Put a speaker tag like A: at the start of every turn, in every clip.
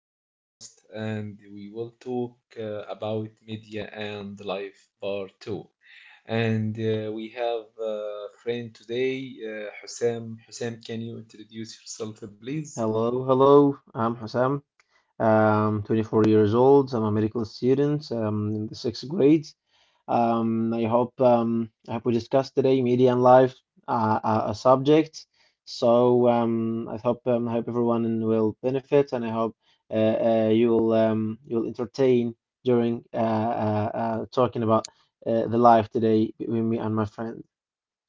A: podcast and we will talk about media and life part two. And we have a friend today, Hussam. Hussam, can you introduce yourself, please?
B: Hello, hello. I'm Hassam. I'm 24 years old. I'm a medical student, in the sixth grade. I hope we discussed today media and life, a subject. So I hope everyone will benefit, and I hope you'll entertain during talking about the life today between me and my friend.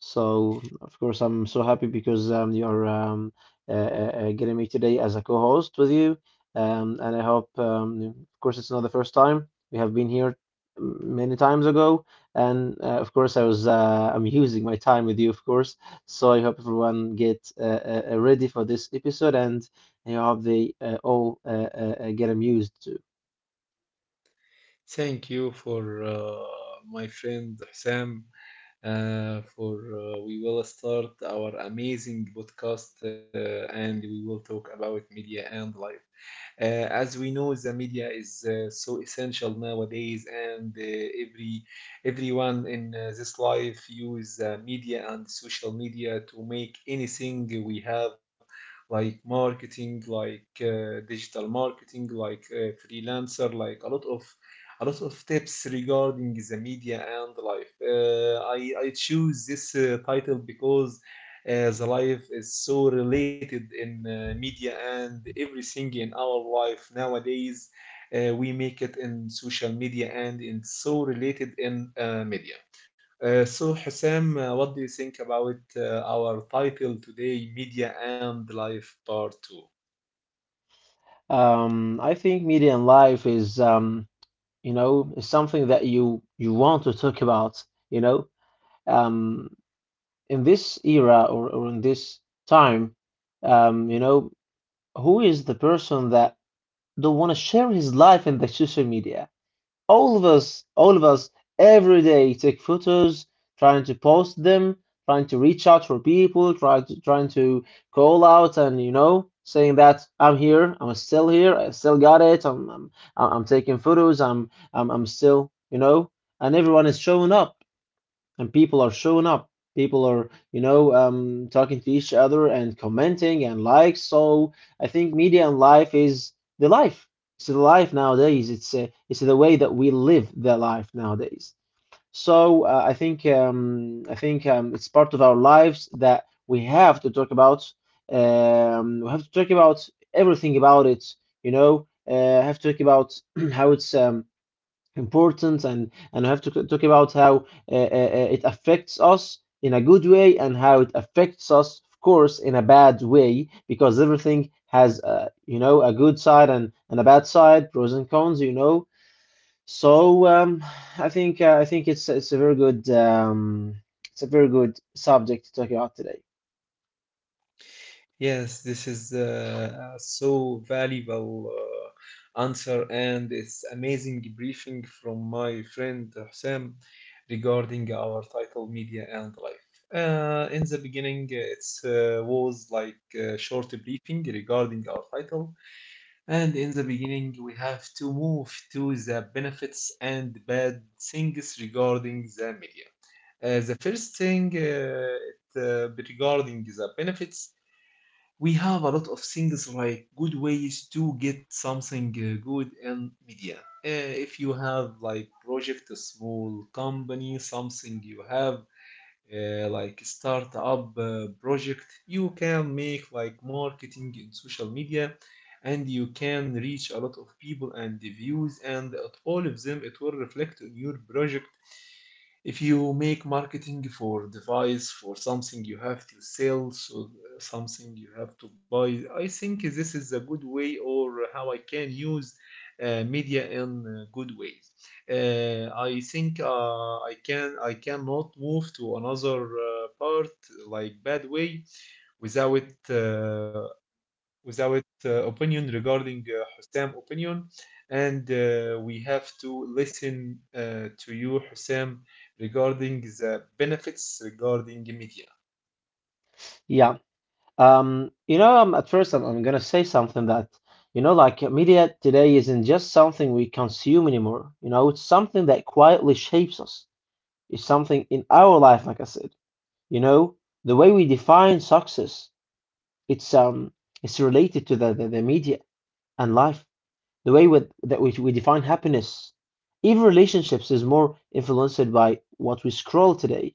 B: So, of course, I'm so happy because you're getting me today as a co-host with you. Um, and I hope, um, of course, it's not the first time. We have been here many times ago. And of course, I'm using my time with you, of course. So I hope everyone get ready for this episode, and I hope they all get amused too.
A: Thank you for my friend Hussam. For we will start our amazing podcast and we will talk about media and life. Uh, as we know, the media is so essential nowadays, and everyone in this life use media and social media to make anything we have, like marketing, like digital marketing, like freelancer, like a lot of tips regarding the media and life. I choose this title because the life is so related in media and everything in our life nowadays. We make it in social media and it's so related in media. So, Hussam, what do you think about our title today, Media and Life Part 2?
B: I think media and life is you know, it's something that you want to talk about, you know, um in this era, or in this time, you know, who is the person that don't want to share his life in the social media? All of us, all of us, every day take photos, trying to post them, trying to reach out for people, trying to call out, and you know, saying that I'm here, I'm still here, I still got it, I'm taking photos, I'm still, you know, and everyone is showing up and people are showing up. People are, you know, talking to each other and commenting and likes. So I think media and life is the life. It's the life nowadays. It's the way that we live the life nowadays. So I think it's part of our lives that we have to talk about. We have to talk about everything about it. You know, have to talk about how it's important, and I have to c- talk about how it affects us in a good way, and how it affects us, of course, in a bad way, because everything has, you know, a good side and a bad side, pros and cons, you know. So I think it's a very good it's a very good subject to talk about today.
A: Yes, this is a so valuable answer, and it's amazing briefing from my friend Hussein regarding our title media and life. In the beginning, it was like a short briefing regarding our title, and in the beginning, we have to move to the benefits and bad things regarding the media. The first thing, regarding the benefits, we have a lot of things like good ways to get something good in media. If you have like project, a small company, something you have like startup project, you can make like marketing in social media, and you can reach a lot of people and the views, and at all of them it will reflect on your project if you make marketing for device for something you have to sell, so something you have to buy. I think this is a good way or how I can use media in good ways. I can I cannot move to another part like bad way without uh, without opinion regarding Hussam opinion, and we have to listen to you, Hussam, regarding the benefits regarding media.
B: Yeah. You know, at first, I'm gonna say something that, you know, like media today isn't just something we consume anymore. You know, it's something that quietly shapes us. It's something in our life, like I said. You know, the way we define success, it's um, it's related to the media and life. The way that we define happiness, even relationships is more influenced by what we scroll today.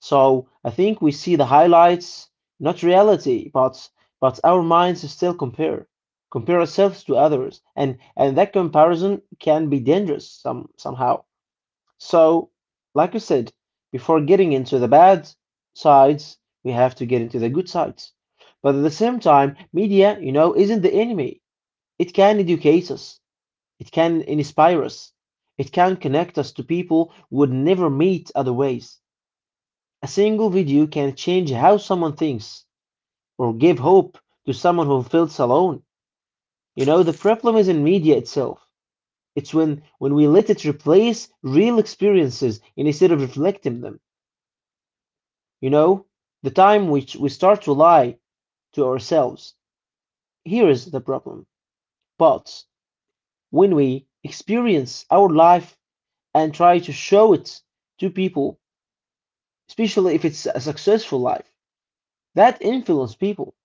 B: So I think we see the highlights, not reality, but our minds still compare, compare ourselves to others, and that comparison can be dangerous somehow. So, like I said, before getting into the bad sides, we have to get into the good sides. But at the same time, media, you know, isn't the enemy. It can educate us. It can inspire us. It can connect us to people we would never meet otherwise. A single video can change how someone thinks, or give hope to someone who feels alone. You know, the problem isn't media itself. It's when we let it replace real experiences instead of reflecting them. You know, the time which we start to lie to ourselves. Here is the problem. But when we experience our life and try to show it to people, especially if it's a successful life, that influences people.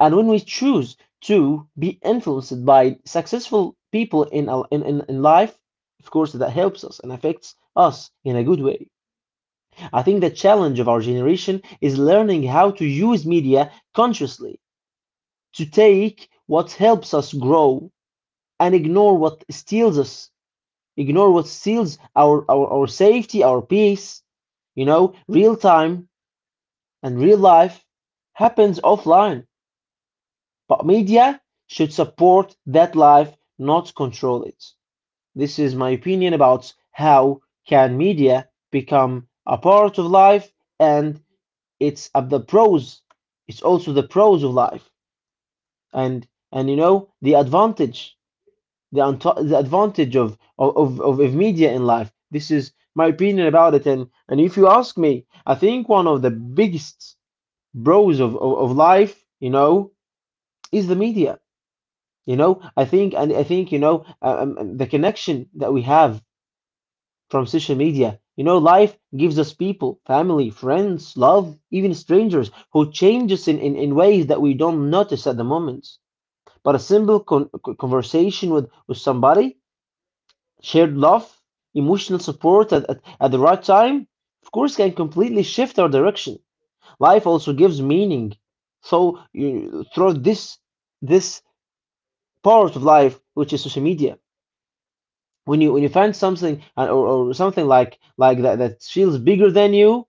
B: And when we choose to be influenced by successful people in our in life, of course that helps us and affects us in a good way. I think the challenge of our generation is learning how to use media consciously to take what helps us grow and ignore what steals us, ignore what steals our safety, our peace. You know, real time and real life happens offline. But media should support that life, not control it. This is my opinion about how can media become a part of life, and it's of the pros. It's also the pros of life, and you know, the advantage, the, the advantage of media in life. This is my opinion about it, and if you ask me, I think one of the biggest pros of life, you know, is the media. You know, I think, and I think, you know, the connection that we have from social media, you know, life gives us people, family, friends, love, even strangers who change us in ways that we don't notice at the moment. But a simple conversation with somebody, shared love, emotional support at the right time, of course, can completely shift our direction. Life also gives meaning. So, you, through this, this part of life, which is social media. When you find something, or something like that that feels bigger than you,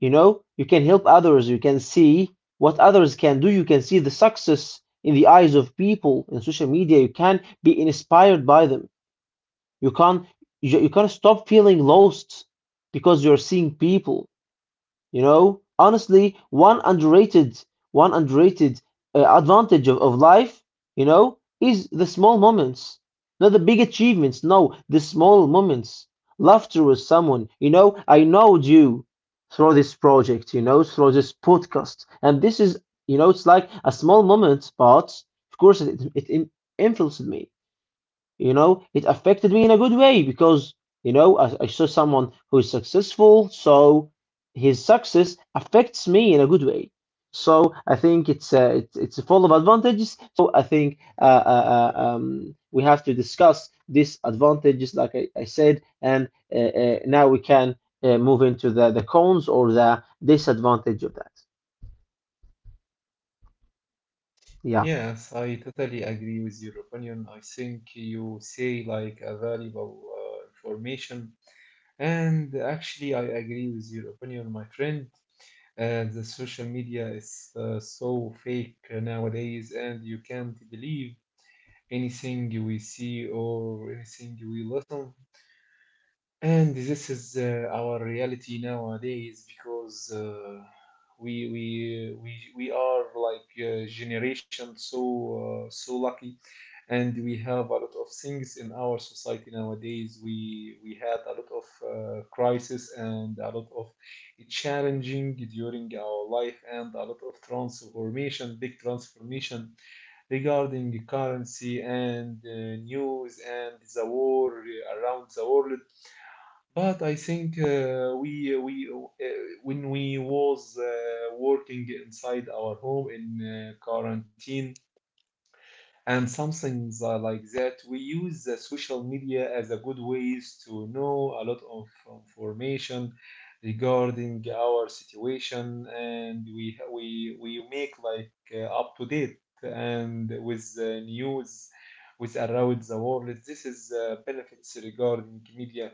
B: you know, you can help others, you can see what others can do, you can see the success in the eyes of people in social media, you can be inspired by them. you can't you, you can't stop feeling lost because you're seeing people, you know. Honestly, one underrated advantage of life, you know, is the small moments, not the big achievements. No, the small moments. Laughter with someone. You know, I know you through this project, you know, through this podcast, and this is, you know, it's like a small moment, but of course it influenced me. You know, it affected me in a good way, because you know I saw someone who is successful, so his success affects me in a good way. So I think it's it's full of advantages. So I think we have to discuss these advantages, like I said, and now we can move into the cons or the disadvantage of that. Yeah.
A: Yes, I totally agree with your opinion. I think you say like a valuable information, and actually, I agree with your opinion, my friend. The social media is so fake nowadays, and you can't believe anything we see or anything we listen. And this is our reality nowadays because we are like a generation so lucky, and we have a lot of things in our society nowadays. We had a lot of crisis and a lot of challenging during our life and a lot of transformation, big transformation regarding currency and news and the war around the world. But I think we when we was working inside our home in quarantine, and some things are like that. We use the social media as a good ways to know a lot of information regarding our situation, and we make like up to date and with the news with around the world. This is benefits regarding media.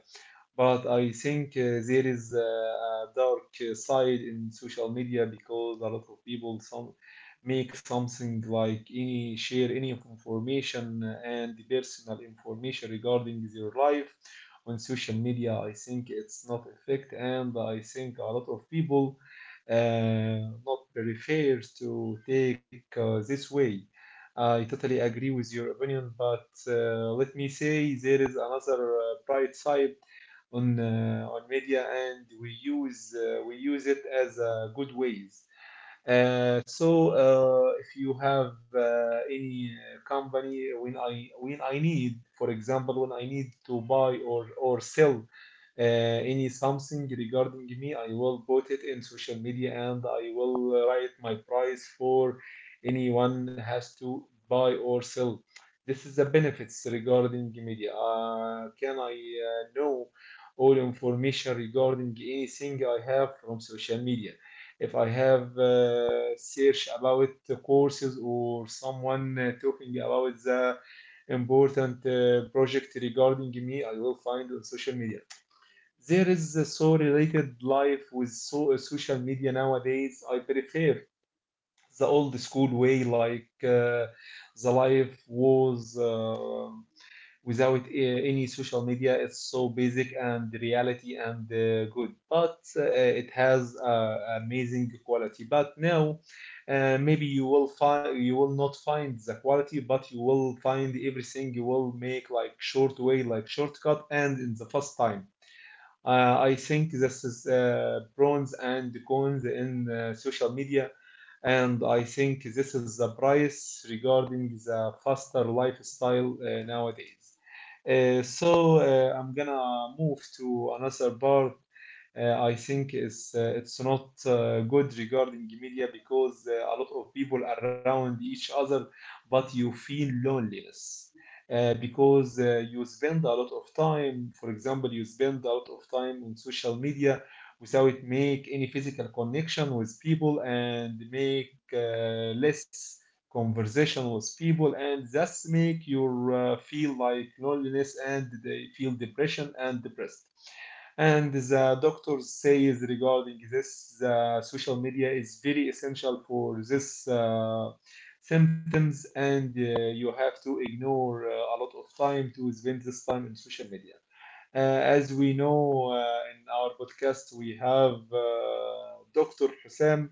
A: But I think there is a dark side in social media because a lot of people some make something like any share any of information and personal information regarding their life on social media. I think it's not effect, and I think a lot of people uh, not very fair to take this way. I totally agree with your opinion, but let me say there is another bright side on media, and we use it as good ways. So, if you have any company when I need, for example, when I need to buy or sell any something regarding me, I will put it in social media and I will write my price for anyone has to buy or sell. This is the benefits regarding media. Can I know all information regarding anything I have from social media. If I have search about the courses or someone talking about the important project regarding me, I will find on social media. There is a so related life with so social media nowadays. I prefer the old school way, like the life was. Without any social media, it's so basic and reality and good, but it has amazing quality. But now maybe you will not find the quality, but you will find everything. You will make like short way, like shortcut, and in the fast time. I think this is pros and cons in social media, and I think this is the price regarding the faster lifestyle nowadays. So, I'm gonna move to another part. I think it's not good regarding media because a lot of people around each other, but you feel loneliness because you spend a lot of time. For example, you spend a lot of time on social media without make any physical connection with people and make less conversation with people, and that's make you feel like loneliness and they feel depression and depressed. And the doctor says regarding this, the social media is very essential for this symptoms, and you have to ignore a lot of time to spend this time in social media. As we know in our podcast, we have Dr. Hussein,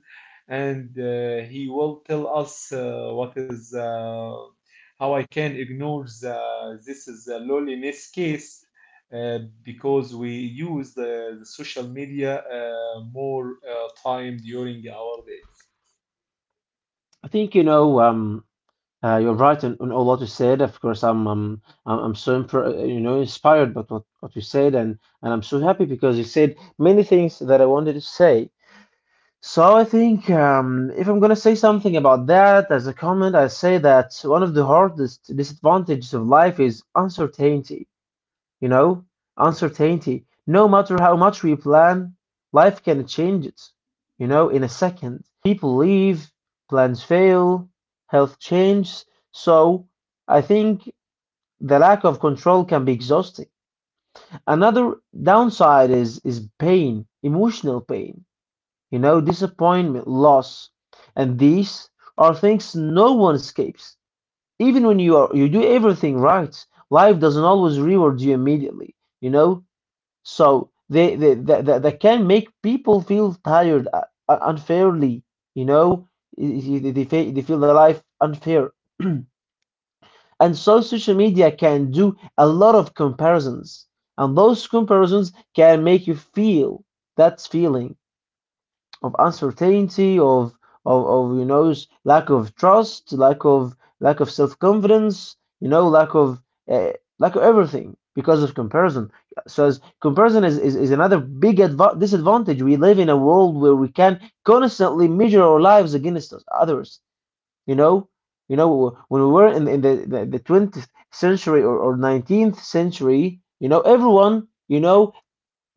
A: and he will tell us what is how I can ignore this is a loneliness case uh, because we use the social media more time during our day.
B: I think, you know, you're right in all what you said. Of course, I'm so you know, inspired by what you said, and I'm so happy because you said many things that I wanted to say. So I think, if I'm gonna say something about that as a comment, I say that one of the hardest disadvantages of life is uncertainty. You know, uncertainty. No matter how much we plan, life can change it, you know, in a second. People leave, plans fail, health changes. So I think the lack of control can be exhausting. Another downside is pain, emotional pain, you know, disappointment, loss. And these are things no one escapes. Even when you do everything right, life doesn't always reward you immediately. You know, so they can make people feel tired, unfairly, you know. They feel the life unfair. And so social media can do a lot of comparisons, and those comparisons can make you feel that feeling of uncertainty, of of, you know, lack of trust, lack of self confidence, you know, uh, lack of everything because of comparison. So as comparison is, is another big disadvantage. We live in a world where we can constantly measure our lives against us, others. You know, you know when we were in, the 20th century, or 19th century, you know, everyone, you know,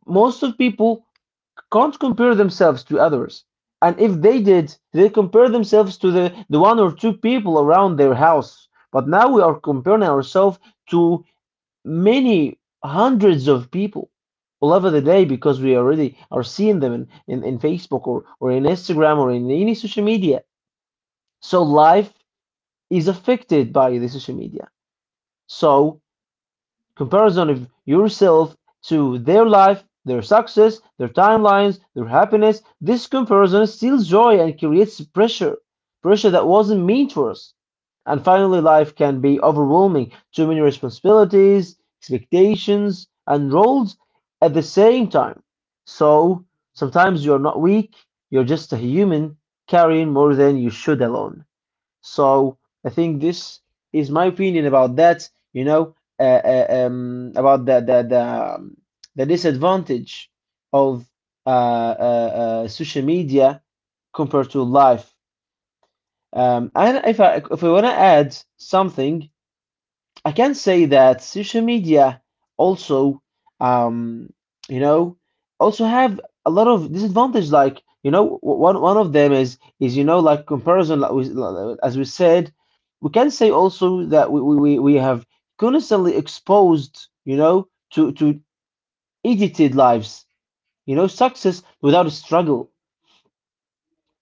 B: most of people can't compare themselves to others. And if they did, they compare themselves to the one or two people around their house. But now we are comparing ourselves to many hundreds of people all over the day because we already are seeing them in, in Facebook, or in Instagram, or in any social media. So life is affected by the social media. So comparison of yourself to their life, their success, their timelines, their happiness, this comparison steals joy and creates pressure. Pressure that wasn't meant for us. And finally, life can be overwhelming. Too many responsibilities, expectations, and roles at the same time. So sometimes you're not weak, you're just a human carrying more than you should alone. So I think this is my opinion about that. You know, about the disadvantage of social media compared to life. And if I want to add something, I can say that social media also, um, you know, also have a lot of disadvantage. Like, one of them is, like comparison. As we said, we can say also that we have constantly exposed, to edited lives. You know, success without a struggle.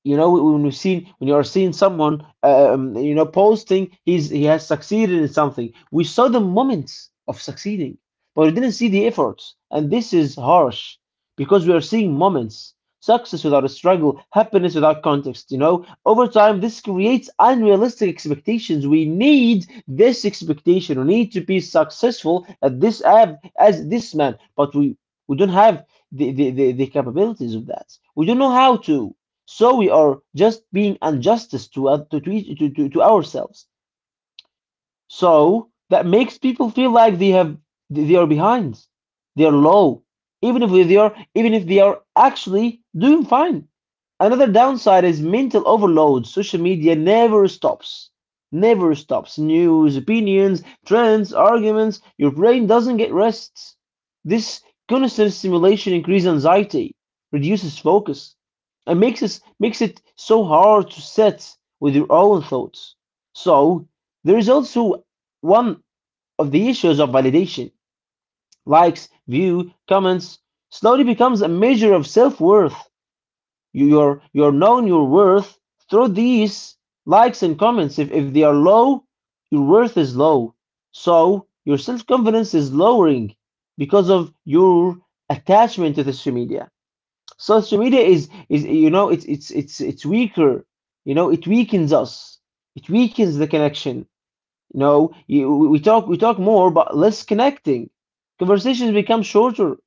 B: When you are seeing someone posting he has succeeded in something, we saw the moments of succeeding, but we didn't see the efforts, and this is harsh because we are seeing moments. Success without a struggle, happiness without context. You know, over time this creates unrealistic expectations. We need this expectation, we need to be successful as this man, but we don't have the capabilities of that. We don't know how to. So we are just being unjust to, to ourselves. So that makes people feel like they are behind, they are low, even if they are, actually doing fine. Another downside is mental overload. Social media never stops. Never stops. News, opinions, trends, arguments. Your brain doesn't get rest. This constant stimulation increases anxiety, reduces focus, and makes it so hard to sit with your own thoughts. So, there is also one of the issues of validation. Likes, view, comments slowly becomes a measure of self-worth. You- you're known your worth through these likes and comments. If they are low, your worth is low. So your self-confidence is lowering because of your attachment to social media. Social media is, it's weaker. You know, it weakens us. It weakens the connection. No, you, we talk more but less connecting. Conversations become shorter,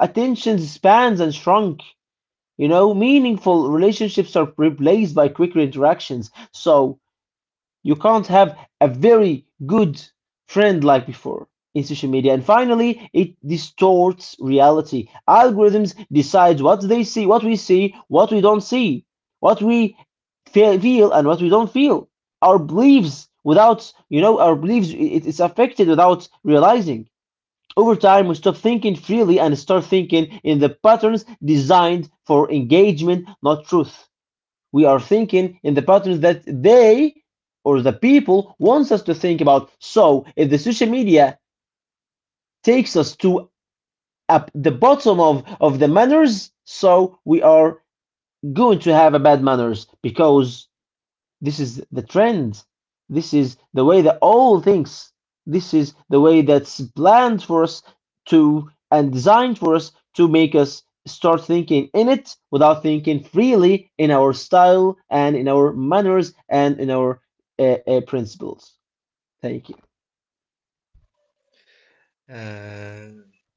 B: attention spans and shrunk. You know, meaningful relationships are replaced by quicker interactions. So you can't have a very good friend like before in social media. And finally, it distorts reality. Algorithms decide what we see, what we don't see, what we feel, and what we don't feel. Our beliefs it, it's affected without realizing. Over time, we stop thinking freely and start thinking in the patterns designed for engagement, not truth. We are thinking in the patterns that they or the people wants us to think about. So if the social media takes us to up the bottom of the manners, so we are going to have a bad manners because this is the trend. This is the way the all thinks. This is the way that's planned for us to and designed for us to make us start thinking in it without thinking freely in our style and in our manners and in our principles. Thank you.
A: Uh,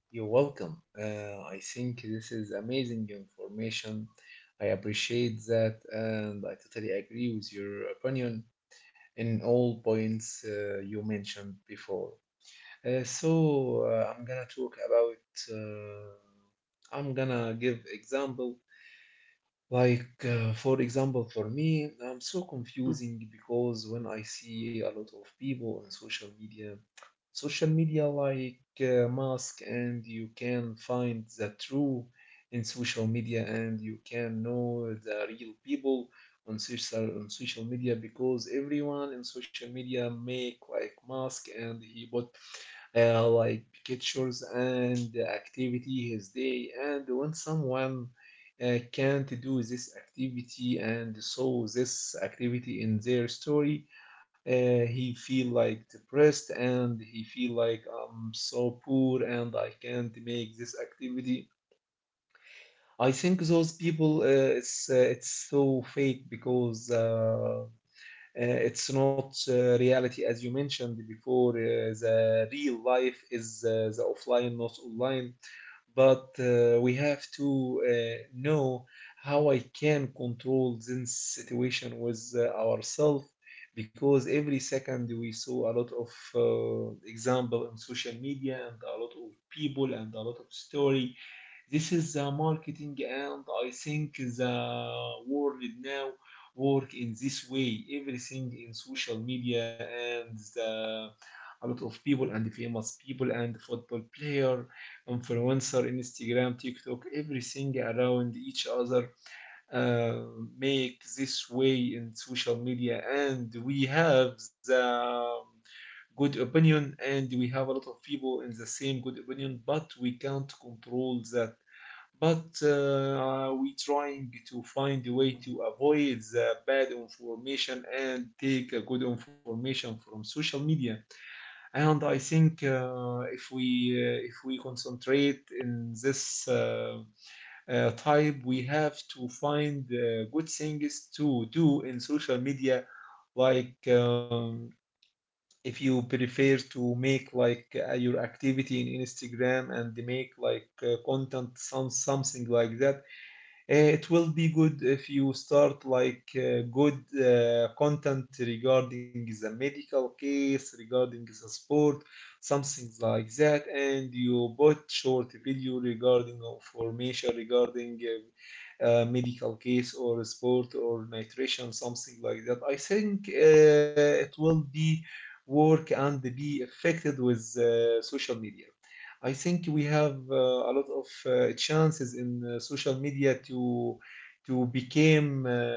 A: you're welcome. I think this is amazing information. I appreciate that, and I totally agree with your opinion in all points you mentioned before. So, I'm gonna talk about. I'm gonna give example. Like for example, for me, I'm so confusing because when I see a lot of people on social media, like mask, and you can find the true in social media and you can know the real people on social media because everyone in social media make like mask and he put like pictures and activity his day. And when someone can't do this activity and saw this activity in their story, he feel like depressed and he feel like I'm so poor and I can't make this activity. I think those people, it's so fake because it's not reality. As you mentioned before, the real life is the offline, not online. But we have to know how I can control this situation with ourselves, because every second we saw a lot of example on social media and a lot of people and a lot of story. This is the marketing, and I think the world now work in this way. Everything in social media and a lot of people and famous people and football player, influencer, Instagram, TikTok, everything around each other uh, make this way in social media, and we have the good opinion and we have a lot of people in the same good opinion but we can't control that. But we trying to find a way to avoid the bad information and take a good information from social media. And I think if we concentrate in this type, we have to find good things to do in social media, like. If you prefer to make like your activity in Instagram and make like content some something like that, it will be good if you start like good content regarding the medical case regarding the sport something like that, and you put short video regarding information regarding medical case or sport or nutrition something like that. I think it will be work and be affected with social media. I think we have a lot of chances in social media to become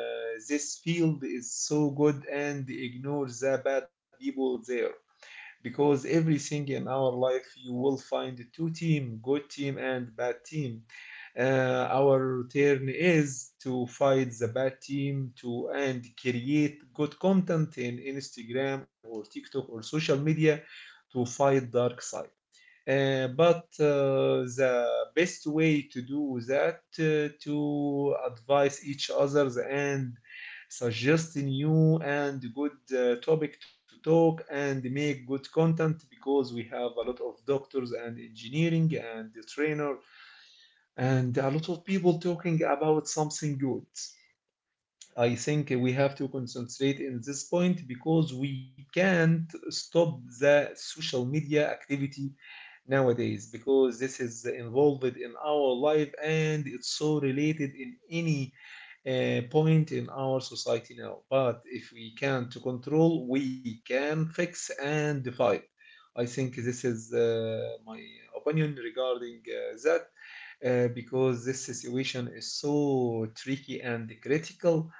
A: this field is so good and ignore the bad people there because everything in our life you will find two team, good team and bad team. Our turn is to fight the bad team to, and create good content in Instagram or TikTok or social media to fight dark side. But the best way to do that to advise each others and suggest new and good topic to talk and make good content because we have a lot of doctors and engineering and the trainer and a lot of people talking about something good. I think we have to concentrate in this point because we can't stop the social media activity nowadays because this is involved in our life and it's so related in any point in our society now. But if we can to control, we can fix and fight. I think this is my opinion regarding that because this situation is so tricky and critical.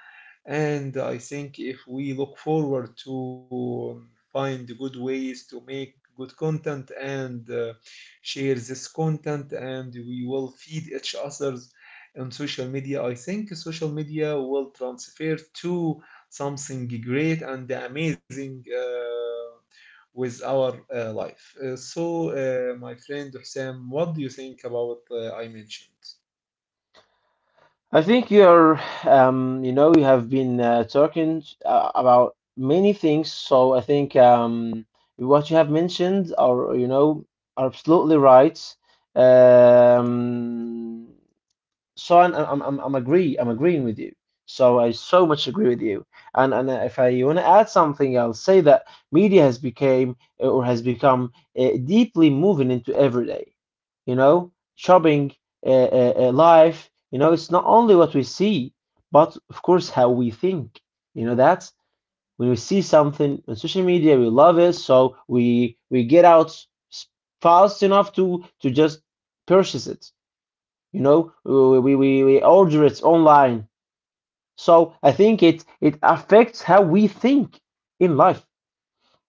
A: And I think if we look forward to find good ways to make good content and share this content, and we will feed each others on social media, I think social media will transfer to something great and amazing with our life. So, my friend Hussam, what do you think about I mentioned?
B: I think you're, we have been talking about many things, so I think what you have mentioned are, are absolutely right. Um, so I'm agreeing with you. So I so much agree with you. And if I want to add something, I'll say that media has became or has become deeply moving into everyday. You know, shopping, uh, life. You know, it's not only what we see, but of course how we think. You know, that's when we see something on social media, we love it, so we get out s- fast enough to just purchase it. We order it online. So I think it it affects how we think in life,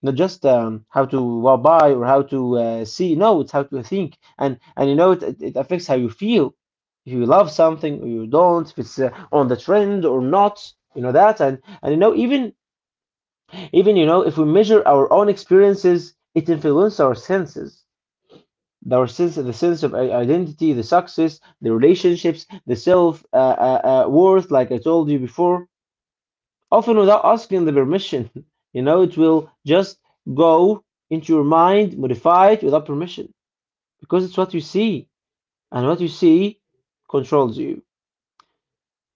B: not just how to, well, buy or how to see. No, it's how to think. And you know it, it it affects how you feel if you love something or you don't, if it's on the trend or not. You know that and you know even even if we measure our own experiences, it influences our senses, our sense, the sense of identity, the success, the relationships, the self worth, like I told you before, often without asking the permission. You know, it will just go into your mind, modify it without permission, because it's what you see, and what you see controls you.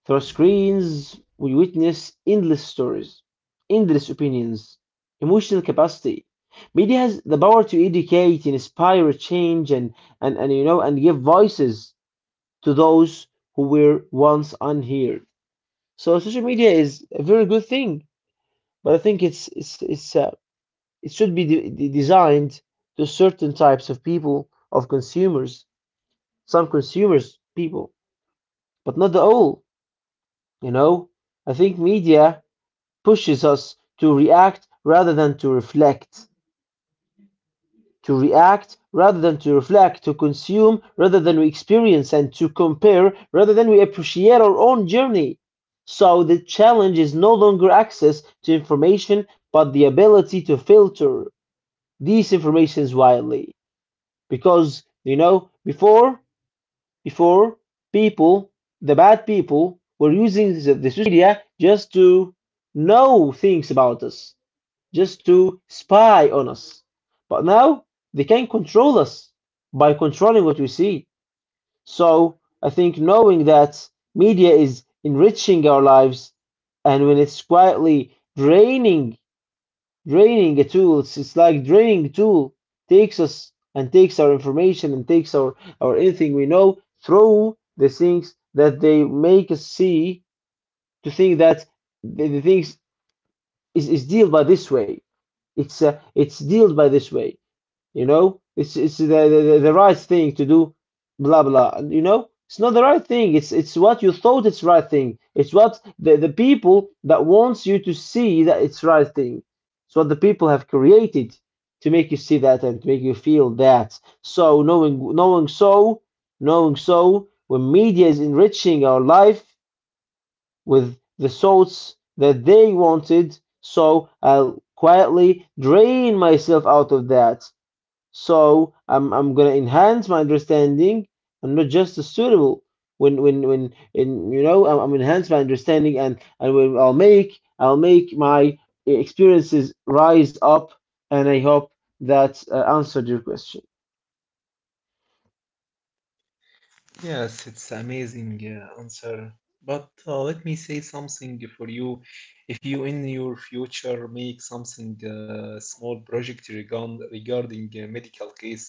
B: Through our screens, we witness endless stories, endless opinions, emotional capacity. Media has the power to educate, inspire, change, and and give voices to those who were once unheard. So social media is a very good thing, but I think it should be designed to certain types of people, of consumers, some consumers people, but not the all. You know, I think media pushes us to react rather than to reflect. To react rather than to reflect, to consume rather than we experience, and to compare rather than we appreciate our own journey. So the challenge is no longer access to information, but the ability to filter these informations widely. Because, you know, before, people, the bad people, were using the social media just to know things about us, just to spy on us. But now they can control us by controlling what we see. So I think knowing that media is enriching our lives and when it's quietly draining draining a tool, it's like draining a tool, takes us and takes our information and takes our anything we know through the things that they make us see, to think that the things is dealt by this way. It's dealt by this way. You know, it's the, the right thing to do, blah blah. And, you know, it's not the right thing. It's what you thought it's right thing. It's what the people that wants you to see that it's right thing. It's what the people have created to make you see that and to make you feel that. So knowing so when media is enriching our life with the thoughts that they wanted, so I'll quietly drain myself out of that. So I'm gonna enhance my understanding. I'm not just a suitable when in I'm enhance my understanding, and when I'll make my experiences rise up. And I hope that answered your question.
A: Yes, it's amazing answer. But let me say something for you. If you in your future make something small project regarding a medical case,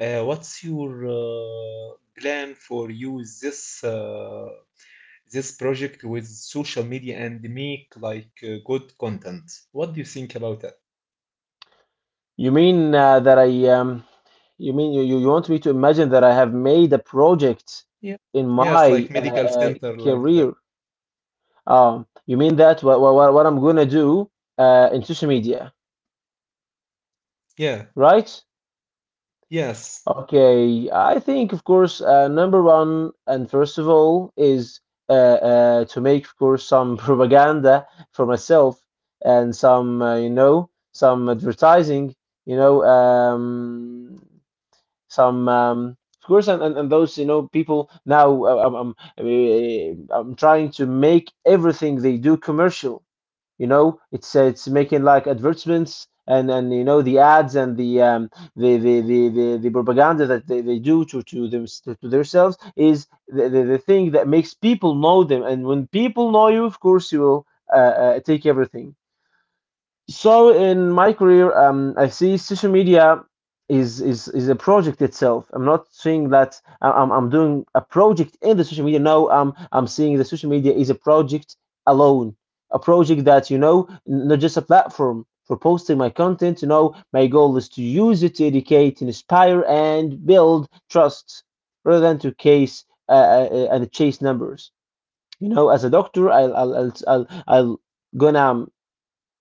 A: what's your plan for use this this project with social media and make like good content? What do you think about that?
B: You mean that I you mean you want me to imagine that I have made a project
A: Yeah.
B: in
A: Yes, like
B: my
A: medical center like that.
B: career? You mean that what I'm gonna do in social media,
A: Yeah.
B: right?
A: Yes.
B: Okay, I think of course number one and first of all is to make of course some propaganda for myself and some some advertising. you know um, some Of course and those, people now, I'm trying to make everything they do commercial. You know, it's making like advertisements, and you know the ads and the the propaganda that they do to them to themselves is the thing that makes people know them, and when people know you, of course you will take everything. So in my career, I see social media is is a project itself. I'm not saying that I'm doing a project in the social media. No, I'm seeing the social media is a project alone, a project that, you know, not just a platform for posting my content. You know, my goal is to use it to educate, inspire, and build trust, rather than to case and chase numbers. You know, as a doctor, I'll gonna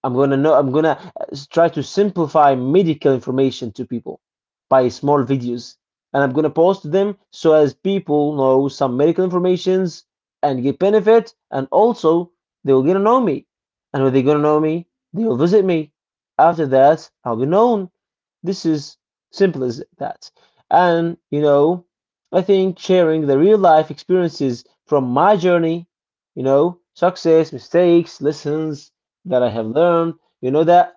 B: I'm gonna know. I'm gonna try to simplify medical information to people by small videos, and I'm gonna post them so as people know some medical informations and get benefit, and also they will get to know me, and when they gonna know me, they will visit me. After that, I'll be known. This is simple as that. And, you know, I think sharing the real life experiences from my journey, you know, success, mistakes, lessons that I have learned, you know, that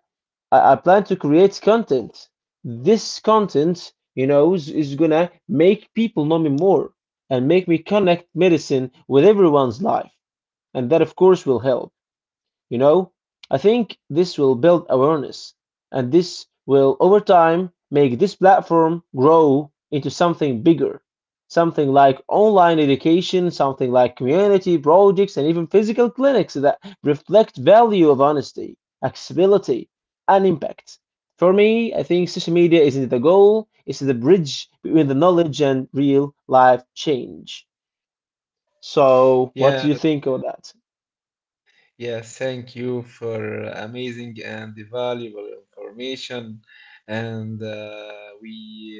B: I plan to create content. This content, you know, is gonna make people know me more and make me connect medicine with everyone's life. And that, of course, will help. You know, I think this will build awareness, and this will over time make this platform grow into something bigger. Something like online education, something like community projects, and even physical clinics that reflect value of honesty, accessibility, and impact. For me, I think social media isn't the goal, it's the bridge between the knowledge and real life change. So, what do
A: Yeah.
B: you think of that?
A: Yes, thank you for amazing and valuable information. And uh, we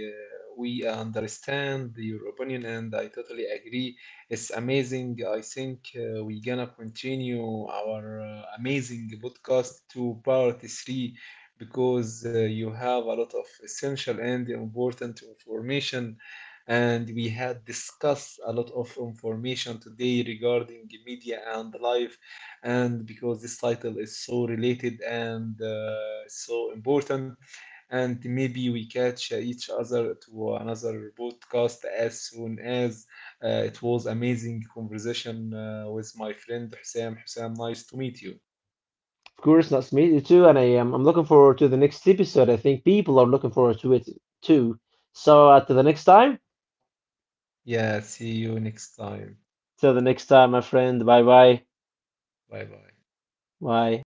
A: uh, we understand your opinion, and I totally agree. It's amazing. I think we gonna continue our amazing podcast to part three because you have a lot of essential and important information. And we had discussed a lot of information today regarding media and life, and because this title is so related and so important. And maybe we catch each other to another podcast as soon as it was amazing conversation with my friend Hussam. Hussam, nice to meet you.
B: Of course, that's me too, and I am. I'm looking forward to the next episode. I think people are looking forward to it too. So, till the next time.
A: Yeah, see you next time.
B: Till the next time, my friend. Bye bye.
A: Bye bye.
B: Bye.